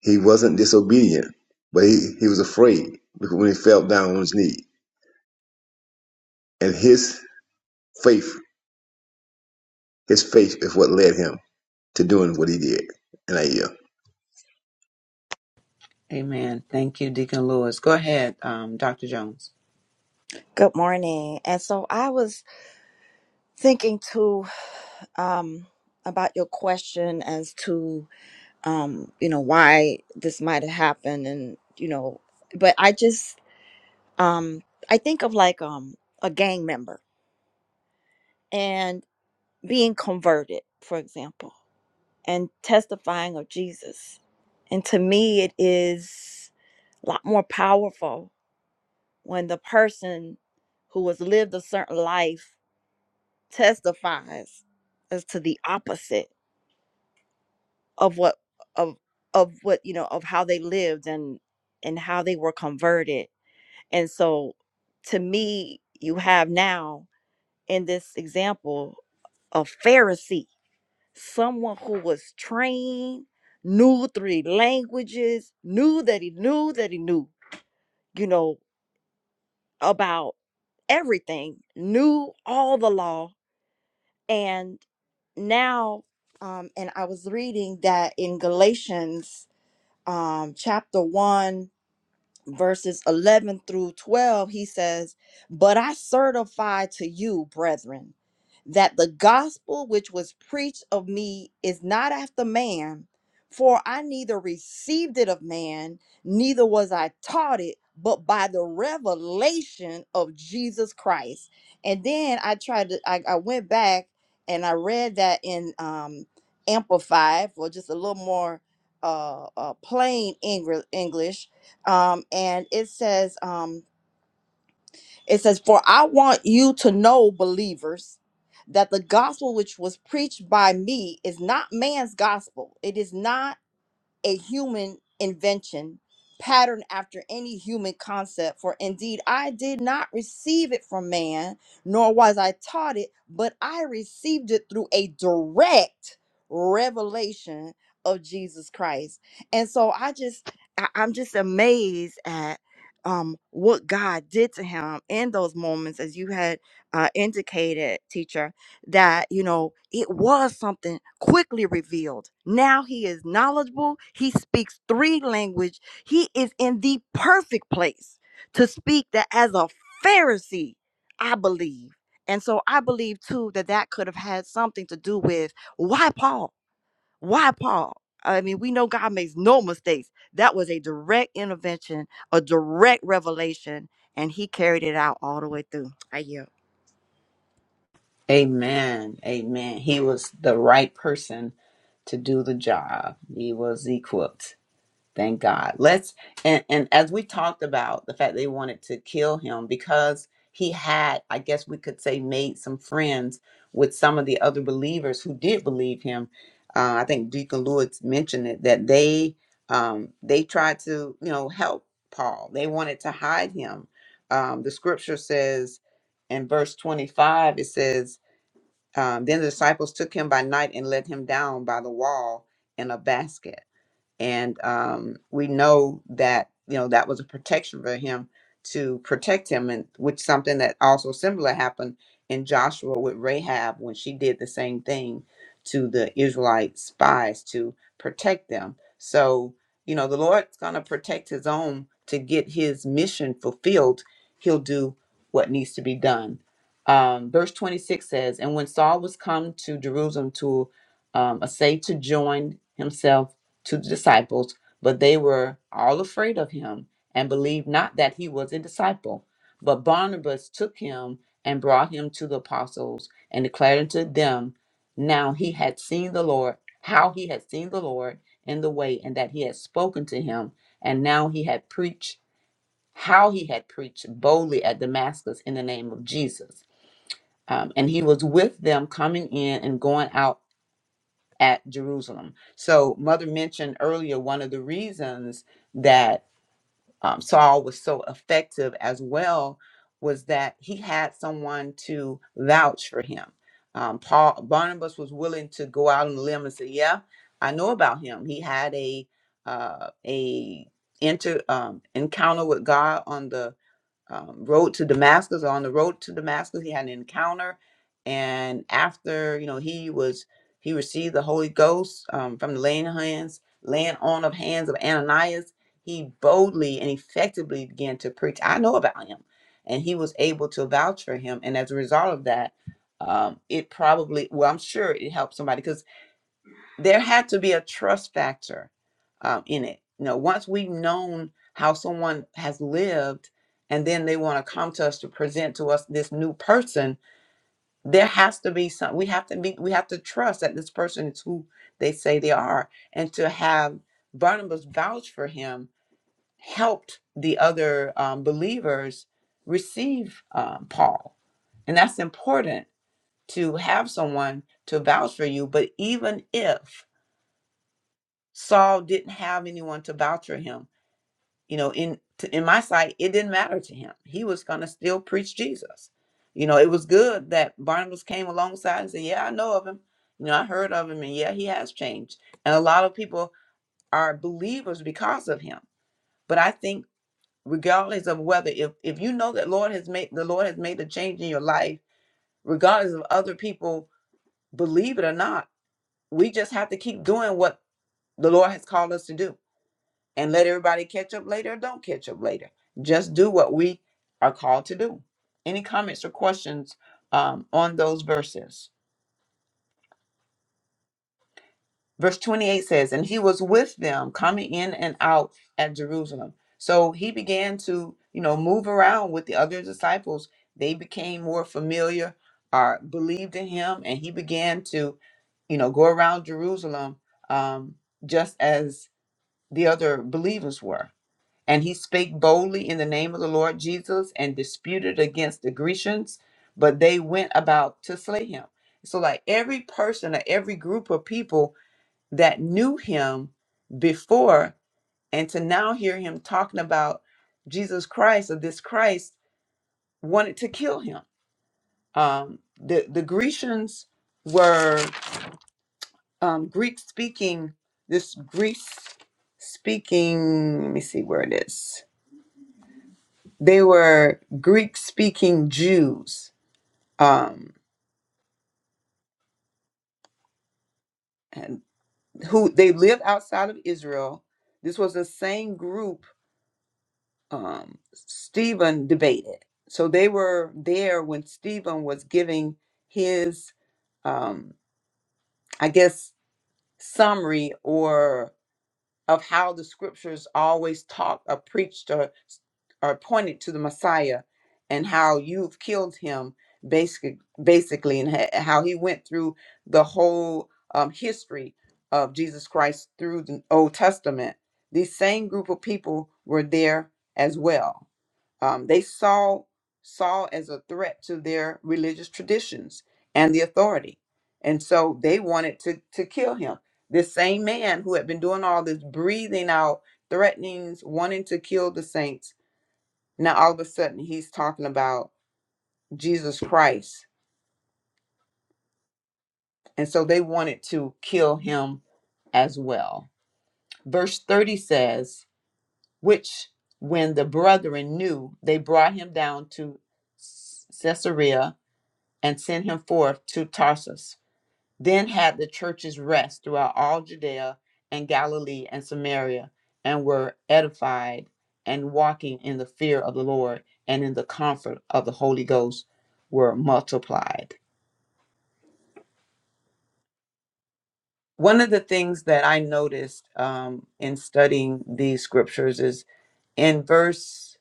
He wasn't disobedient, but he, he was afraid because when he fell down on his knee and his faith His faith is what led him to doing what he did. And I yield.
Amen. Thank you, Deacon Lewis. Go ahead, um, Dr. Jones.
Good morning. And so I was thinking too um about question as to um you know why this might have happened and you know but I just um I think of like um a gang member and converted for example and testifying of Jesus. And to me it is a lot more powerful when the person who has lived a certain life testifies as to the opposite of what of of what you know of how they lived and and how they were converted and so to me you have now in this example a pharisee someone who was trained knew three languages knew that he knew that he knew you know about everything knew all the law and now um and i was reading that in galatians um, chapter 1 verses 11 through 12, he says, But I certify to you, brethren, that the gospel which was preached of me is not after man, for I neither received it of man, neither was I taught it, but by the revelation of Jesus Christ. And then I tried to, I, I went back and I read that in um, Amplified for just a little more uh, uh, plain Engr- English um, and it says, um, it says, for I want you to know, believers, that the gospel which was preached by me is not man's gospel. It is not a human invention patterned after any human concept for indeed i did not receive it from man nor was i taught it but i received it through a direct revelation of jesus christ and so i just I, i'm just amazed at um what god did to him in those moments as you had uh indicated teacher that you know it was something quickly revealed now he is knowledgeable he speaks three language he is in the perfect place to speak that as a pharisee i believe and so i believe too that that could have had something to do with why paul why paul i mean we know god makes no mistakes that was a direct intervention a direct revelation and he carried it out all the way through i yield
Amen. Amen. He was the right person to do the job. He was equipped. Thank God. Let's and, and as we talked about the fact they wanted to kill him because he had, I guess we could say, made some friends with some of the other believers who did believe him. Uh, I think Deacon Lewis mentioned it that they um, they tried to you know help Paul. They wanted to hide him. Um, the scripture says in verse twenty five, it says, um, "Then the disciples took him by night and let him down by the wall in a basket." and um, we know that you know that was a protection for him to protect him and which something that also similar happened in joshua with rahab when she did the same thing to the israelite spies to protect them so you know the lord's going to protect his own to get his mission fulfilled he'll do what needs to be done um, verse 26 says and when saul was come to jerusalem to um, assay to join himself to the disciples, but they were all afraid of him and believed not that he was a disciple. But Barnabas took him and brought him to the apostles and declared unto them now he had seen the Lord, how he had seen the Lord in the way, and that he had spoken to him, and now he had preached how he had preached boldly at Damascus in the name of Jesus. Um, and he was with them coming in and going out at Jerusalem. So, Mother mentioned earlier one of the reasons that um, Saul was so effective as well was that he had someone to vouch for him. Um, Paul Barnabas was willing to go out on a limb and say, "Yeah, I know about him. He had a uh, a inter um, encounter with God on the um, road to Damascus, on the road to Damascus, he had an encounter, and after you know he was he received the Holy Ghost um, from the laying hands, laying on of hands of Ananias. He boldly and effectively began to preach. I know about him, and he was able to vouch for him. And as a result of that, um, it probably well, I'm sure it helped somebody there had to be a trust factor um, in it. You know, once we've known how someone has lived, and then they want to come to us to present to us this new person, there has to be some. We have to be. We have to trust that this person is who they say they are, and to have Barnabas vouch for him helped the other um, believers receive um, Paul, and that's important to have someone to vouch for you. But even if Saul didn't have anyone to vouch for him. You know, in to, in my sight, it didn't matter to him. He was going to still preach Jesus. You know, it was good that Barnabas came alongside and said, "Yeah, I know of him. You know, I heard of him, and yeah, he has changed." And a lot of people are believers because of him. But I think, regardless of whether if if you know that Lord has made the Lord has made a change in your life, regardless of other people believe it or not, we just have to keep doing what the Lord has called us to do and let everybody catch up later or don't catch up later. Just do what we are called to do. Any comments or questions um, on those verses? Verse 28 says, And he was with them coming in and out at Jerusalem. So he began to, you know, move around with the other disciples. They became more familiar or believed in him, and he began to, you know, go around Jerusalem um, just as the other believers were. And he spake boldly in the name of the Lord Jesus and disputed against the Grecians, but they went about to slay him. So, like every person or every group of people that knew him before, and to now hear him talking about Jesus Christ or this Christ wanted to kill him. Um, the, the Grecians were um, Greek speaking, this Greece speaking, let me see where it is They were Greek speaking Jews um, and who they lived outside of Israel. This was the same group um, Stephen debated. So they were there when Stephen was giving his, um, I guess, summary or of how the scriptures always taught or preached or, or pointed to the Messiah and how you've killed him basically basically and ha- how he went through the whole um, history of Jesus Christ through the Old Testament. These same group of people were there as well um, they saw Saul as a threat to their religious traditions and the authority. And so they wanted to, to kill him. This same man who had been doing all this breathing out threatenings, wanting to kill the saints, now all of a sudden he's talking about Jesus Christ. And so they wanted to kill him as well. Verse 30 says, Which when the brethren knew, they brought him down to Caesarea and sent him forth to Tarsus. Then had the churches rest throughout all Judea and Galilee and Samaria, and were edified and walking in the fear of the Lord and in the comfort of the Holy Ghost were multiplied. One of the things that I noticed um, in studying these scriptures is in verse,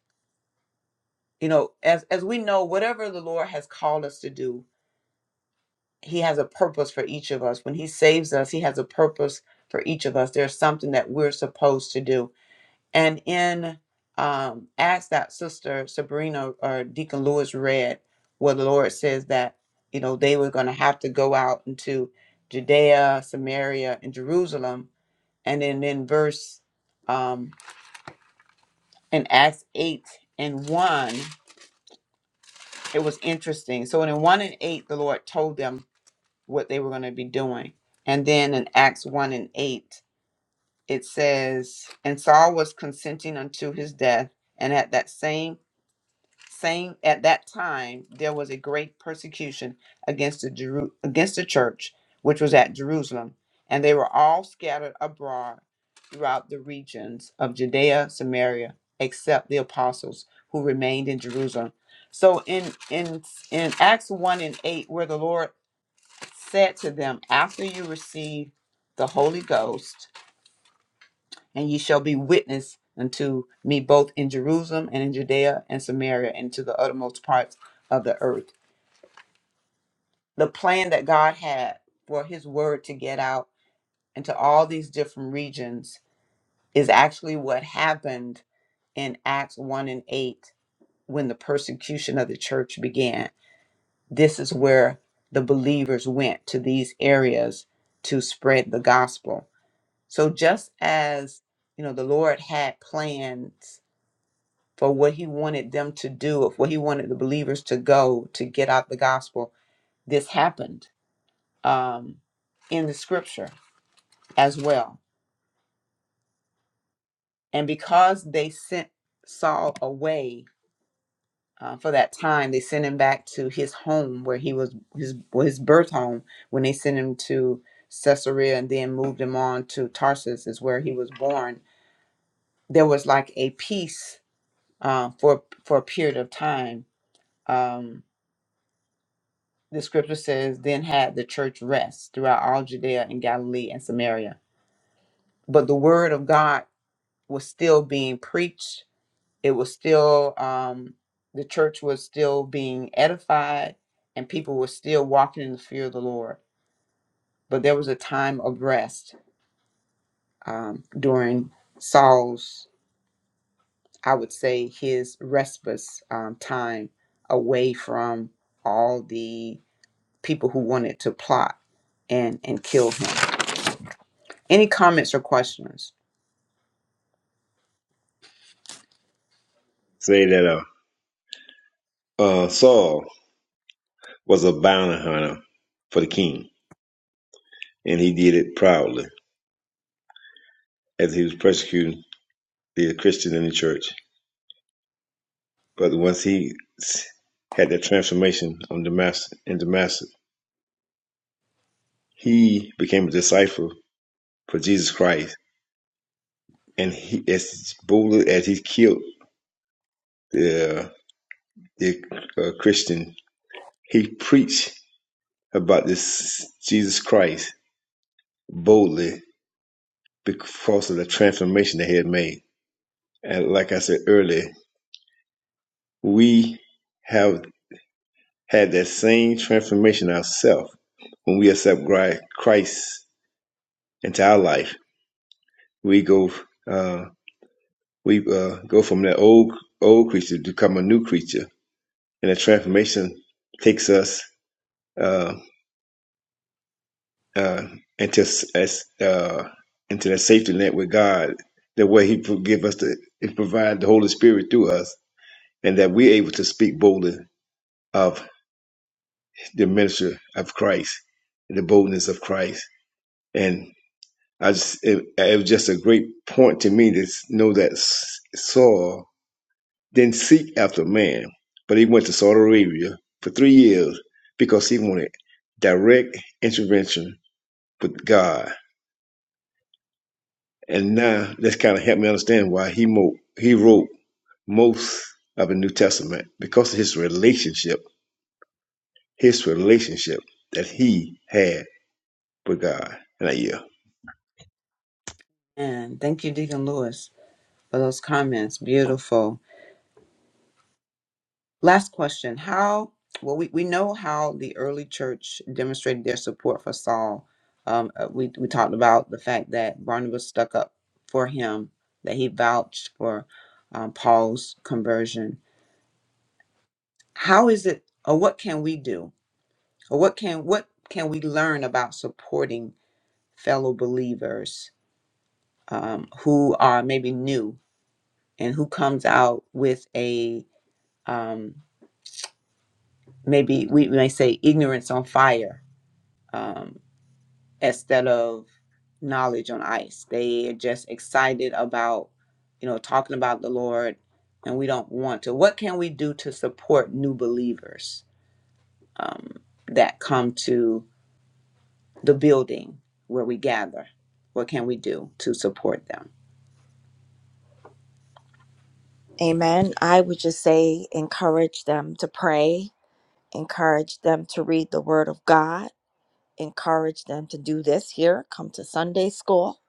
you know, as, as we know, whatever the Lord has called us to do, he has a purpose for each of us. When he saves us, he has a purpose for each of us. There's something that we're supposed to do. And in um, as that sister Sabrina or Deacon Lewis read, where the Lord says that you know they were going to have to go out into Judea, Samaria, and Jerusalem. And then in verse um, in Acts eight and one, it was interesting. So in one and eight, the Lord told them what they were going to be doing. And then in Acts 1 and 8, it says, And Saul was consenting unto his death, and at that same same at that time there was a great persecution against the Jeru- against the church which was at Jerusalem and they were all scattered abroad throughout the regions of Judea Samaria except the apostles who remained in Jerusalem so in in in Acts 1 and 8 where the Lord said to them, After you receive the Holy Ghost, and ye shall be witness unto me both in Jerusalem and in Judea and Samaria and to the uttermost parts of the earth. The plan that God had for his word to get out into all these different regions is actually what happened in Acts 1 and 8 when the persecution of the church began. This is where the believers went to these areas to spread the gospel So just as, you know, the Lord had plans for what he wanted them to do, of what he wanted the believers to go to get out the gospel, this happened um, in the scripture as well. And because they sent Saul away uh, for that time, they sent him back to his home where he was, his, well, his birth home, when they sent him to Caesarea and then moved him on to Tarsus, is where he was born. There was like a peace uh, for for a period of time. Um, the scripture says, "Then had the church rest throughout all Judea and Galilee and Samaria." But the word of God was still being preached. It was still um, the church was still being edified, and people were still walking in the fear of the Lord. But there was a time of rest um, during Saul's, I would say, his respite um, time away from all the people who wanted to plot and and kill him. Any comments or questions?
Say that uh, uh, Saul was a bounty hunter for the king, and he did it proudly as he was persecuting the Christians in the church. But once he had that transformation on Damascus, in Damascus, he became a disciple for Jesus Christ, and he, as boldly as he killed the, the uh, Christian, he preached about this Jesus Christ boldly because of the transformation that he had made. And like I said earlier, we have had that same transformation ourselves when we accept Christ into our life. We go, uh, we uh, go from that old old creature to become a new creature, and the transformation takes us uh, uh, into as uh, into that safety net with God, the way He forgive us, to, and provide the Holy Spirit through us, and that we're able to speak boldly of. the ministry of Christ, the boldness of Christ. And I just, it, it was just a great point to me to know that Saul didn't seek after man, but he went to Saudi Arabia for three years because he wanted direct intervention with God. And now that's kind of helped me understand why he, mo- he wrote most of the New Testament because of his relationship, his relationship that he had with God. And I yield.
And thank you, Deacon Lewis, for those comments. Beautiful. Last question: How? Well, we, we know how the early church demonstrated their support for Saul. Um, uh, we we talked about the fact that Barnabas stuck up for him, that he vouched for um, Paul's conversion. How is it, or what can we do, or what can what can we learn about supporting fellow believers um, who are maybe new and who comes out with a um, maybe we may say ignorance on fire um, instead of knowledge on ice. They are just excited about you know talking about the Lord, and we don't want to. What can we do to support new believers um, that come to the building where we gather? What can we do to support them?
Amen. I would just say encourage them to pray, encourage them to read the Word of God, encourage them to do this here, come to Sunday school,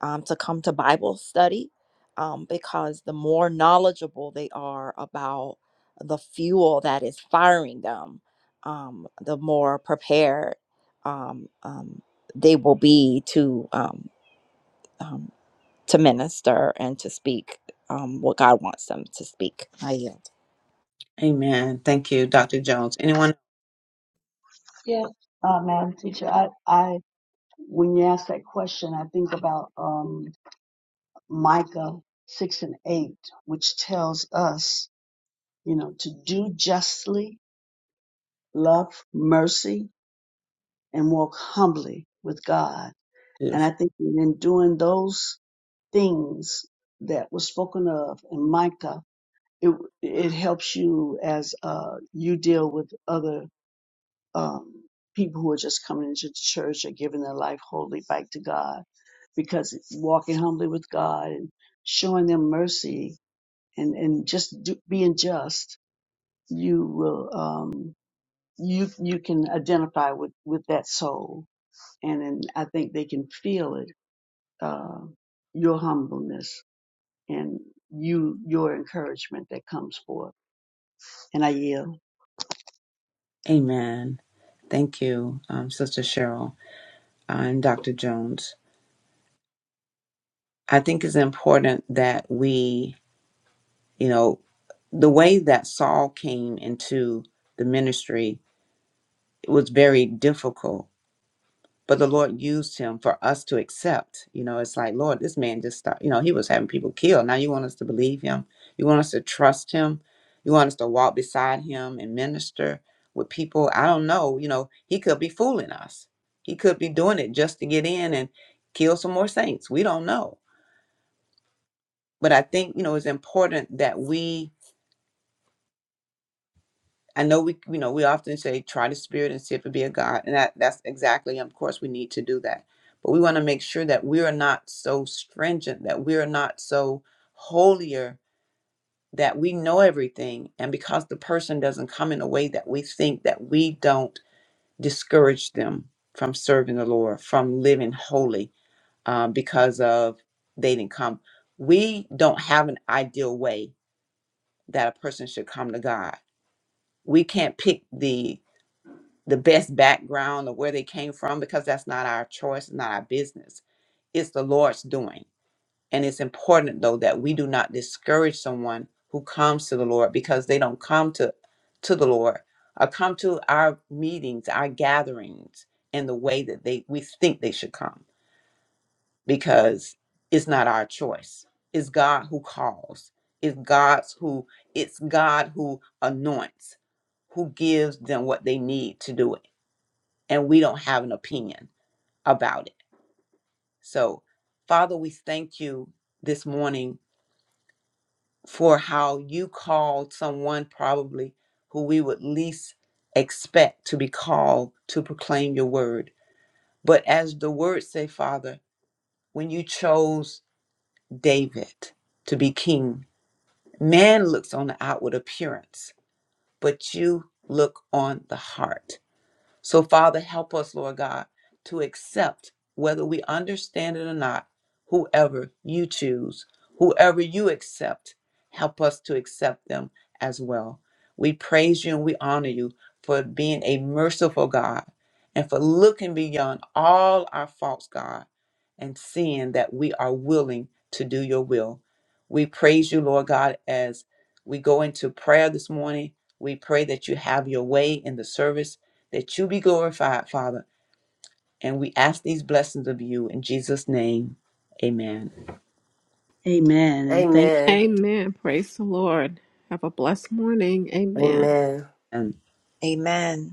um, to come to Bible study, um, because the more knowledgeable they are about the fuel that is firing them, um, the more prepared um, um, they will be to um, um, to minister and to speak um, what God wants them to speak. I yield.
Amen. Thank you, Dr. Jones. Anyone?
Yeah, uh, Madam Teacher, I, I, when you ask that question, I think about um, Micah six and eight, which tells us, you know, to do justly, love mercy, and walk humbly with God. And
Beautiful.
I think that in doing those things that was spoken of in Micah, it it helps you as uh, you deal with other um, people who are just coming into the church or giving their life wholly back to God, because walking humbly with God and showing them mercy and and just do, being just, you will um, you you can identify with with that soul, and then I think they can feel it. Uh, your humbleness and you your encouragement that comes forth. And I yield.
Amen. Thank you, um, Sister Cheryl. I'm Dr. Jones. I think it's important that we, you know, the way that Saul came into the ministry it was very difficult but the Lord used him for us to accept. You know, it's like, Lord, this man just started, you know, he was having people killed. Now you want us to believe him. You want us to trust him. You want us to walk beside him and minister with people. I don't know. You know, he could be fooling us. He could be doing it just to get in and kill some more saints. We don't know. But I think, you know, it's important that we I know we, you know, we often say try the spirit and see if it be a God, and that that's exactly, of course, we need to do that. But we want to make sure that we are not so stringent, that we are not so holier that we know everything, and because the person doesn't come in a way that we think that we don't discourage them from serving the Lord, from living holy, uh, because of they didn't come. We don't have an ideal way that a person should come to God. We can't pick the the best background or where they came from because that's not our choice, not our business. It's the Lord's doing. And it's important though that we do not discourage someone who comes to the Lord because they don't come to to the Lord or come to our meetings, our gatherings in the way that they we think they should come because it's not our choice. It's God who calls. It's God's who it's God who anoints, who gives them what they need to do it and we don't have an opinion about it. So, Father, we thank you this morning for how you called someone probably who we would least expect to be called to proclaim your word. But as the words say, Father, when you chose David to be king, man looks on the outward appearance, but you look on the heart. So, Father, help us, Lord God, to accept, whether we understand it or not, whoever you choose, whoever you accept, help us to accept them as well. We praise you and we honor you for being a merciful God and for looking beyond all our faults, God, and seeing that we are willing to do your will. We praise you, Lord God, as we go into prayer this morning. We pray that you have your way in the service that you be glorified, Father. And we ask these blessings of you in Jesus' name. Amen.
Amen. And thank
Amen.
Amen. Praise the Lord. Have a blessed morning. Amen.
Amen.
And
Amen.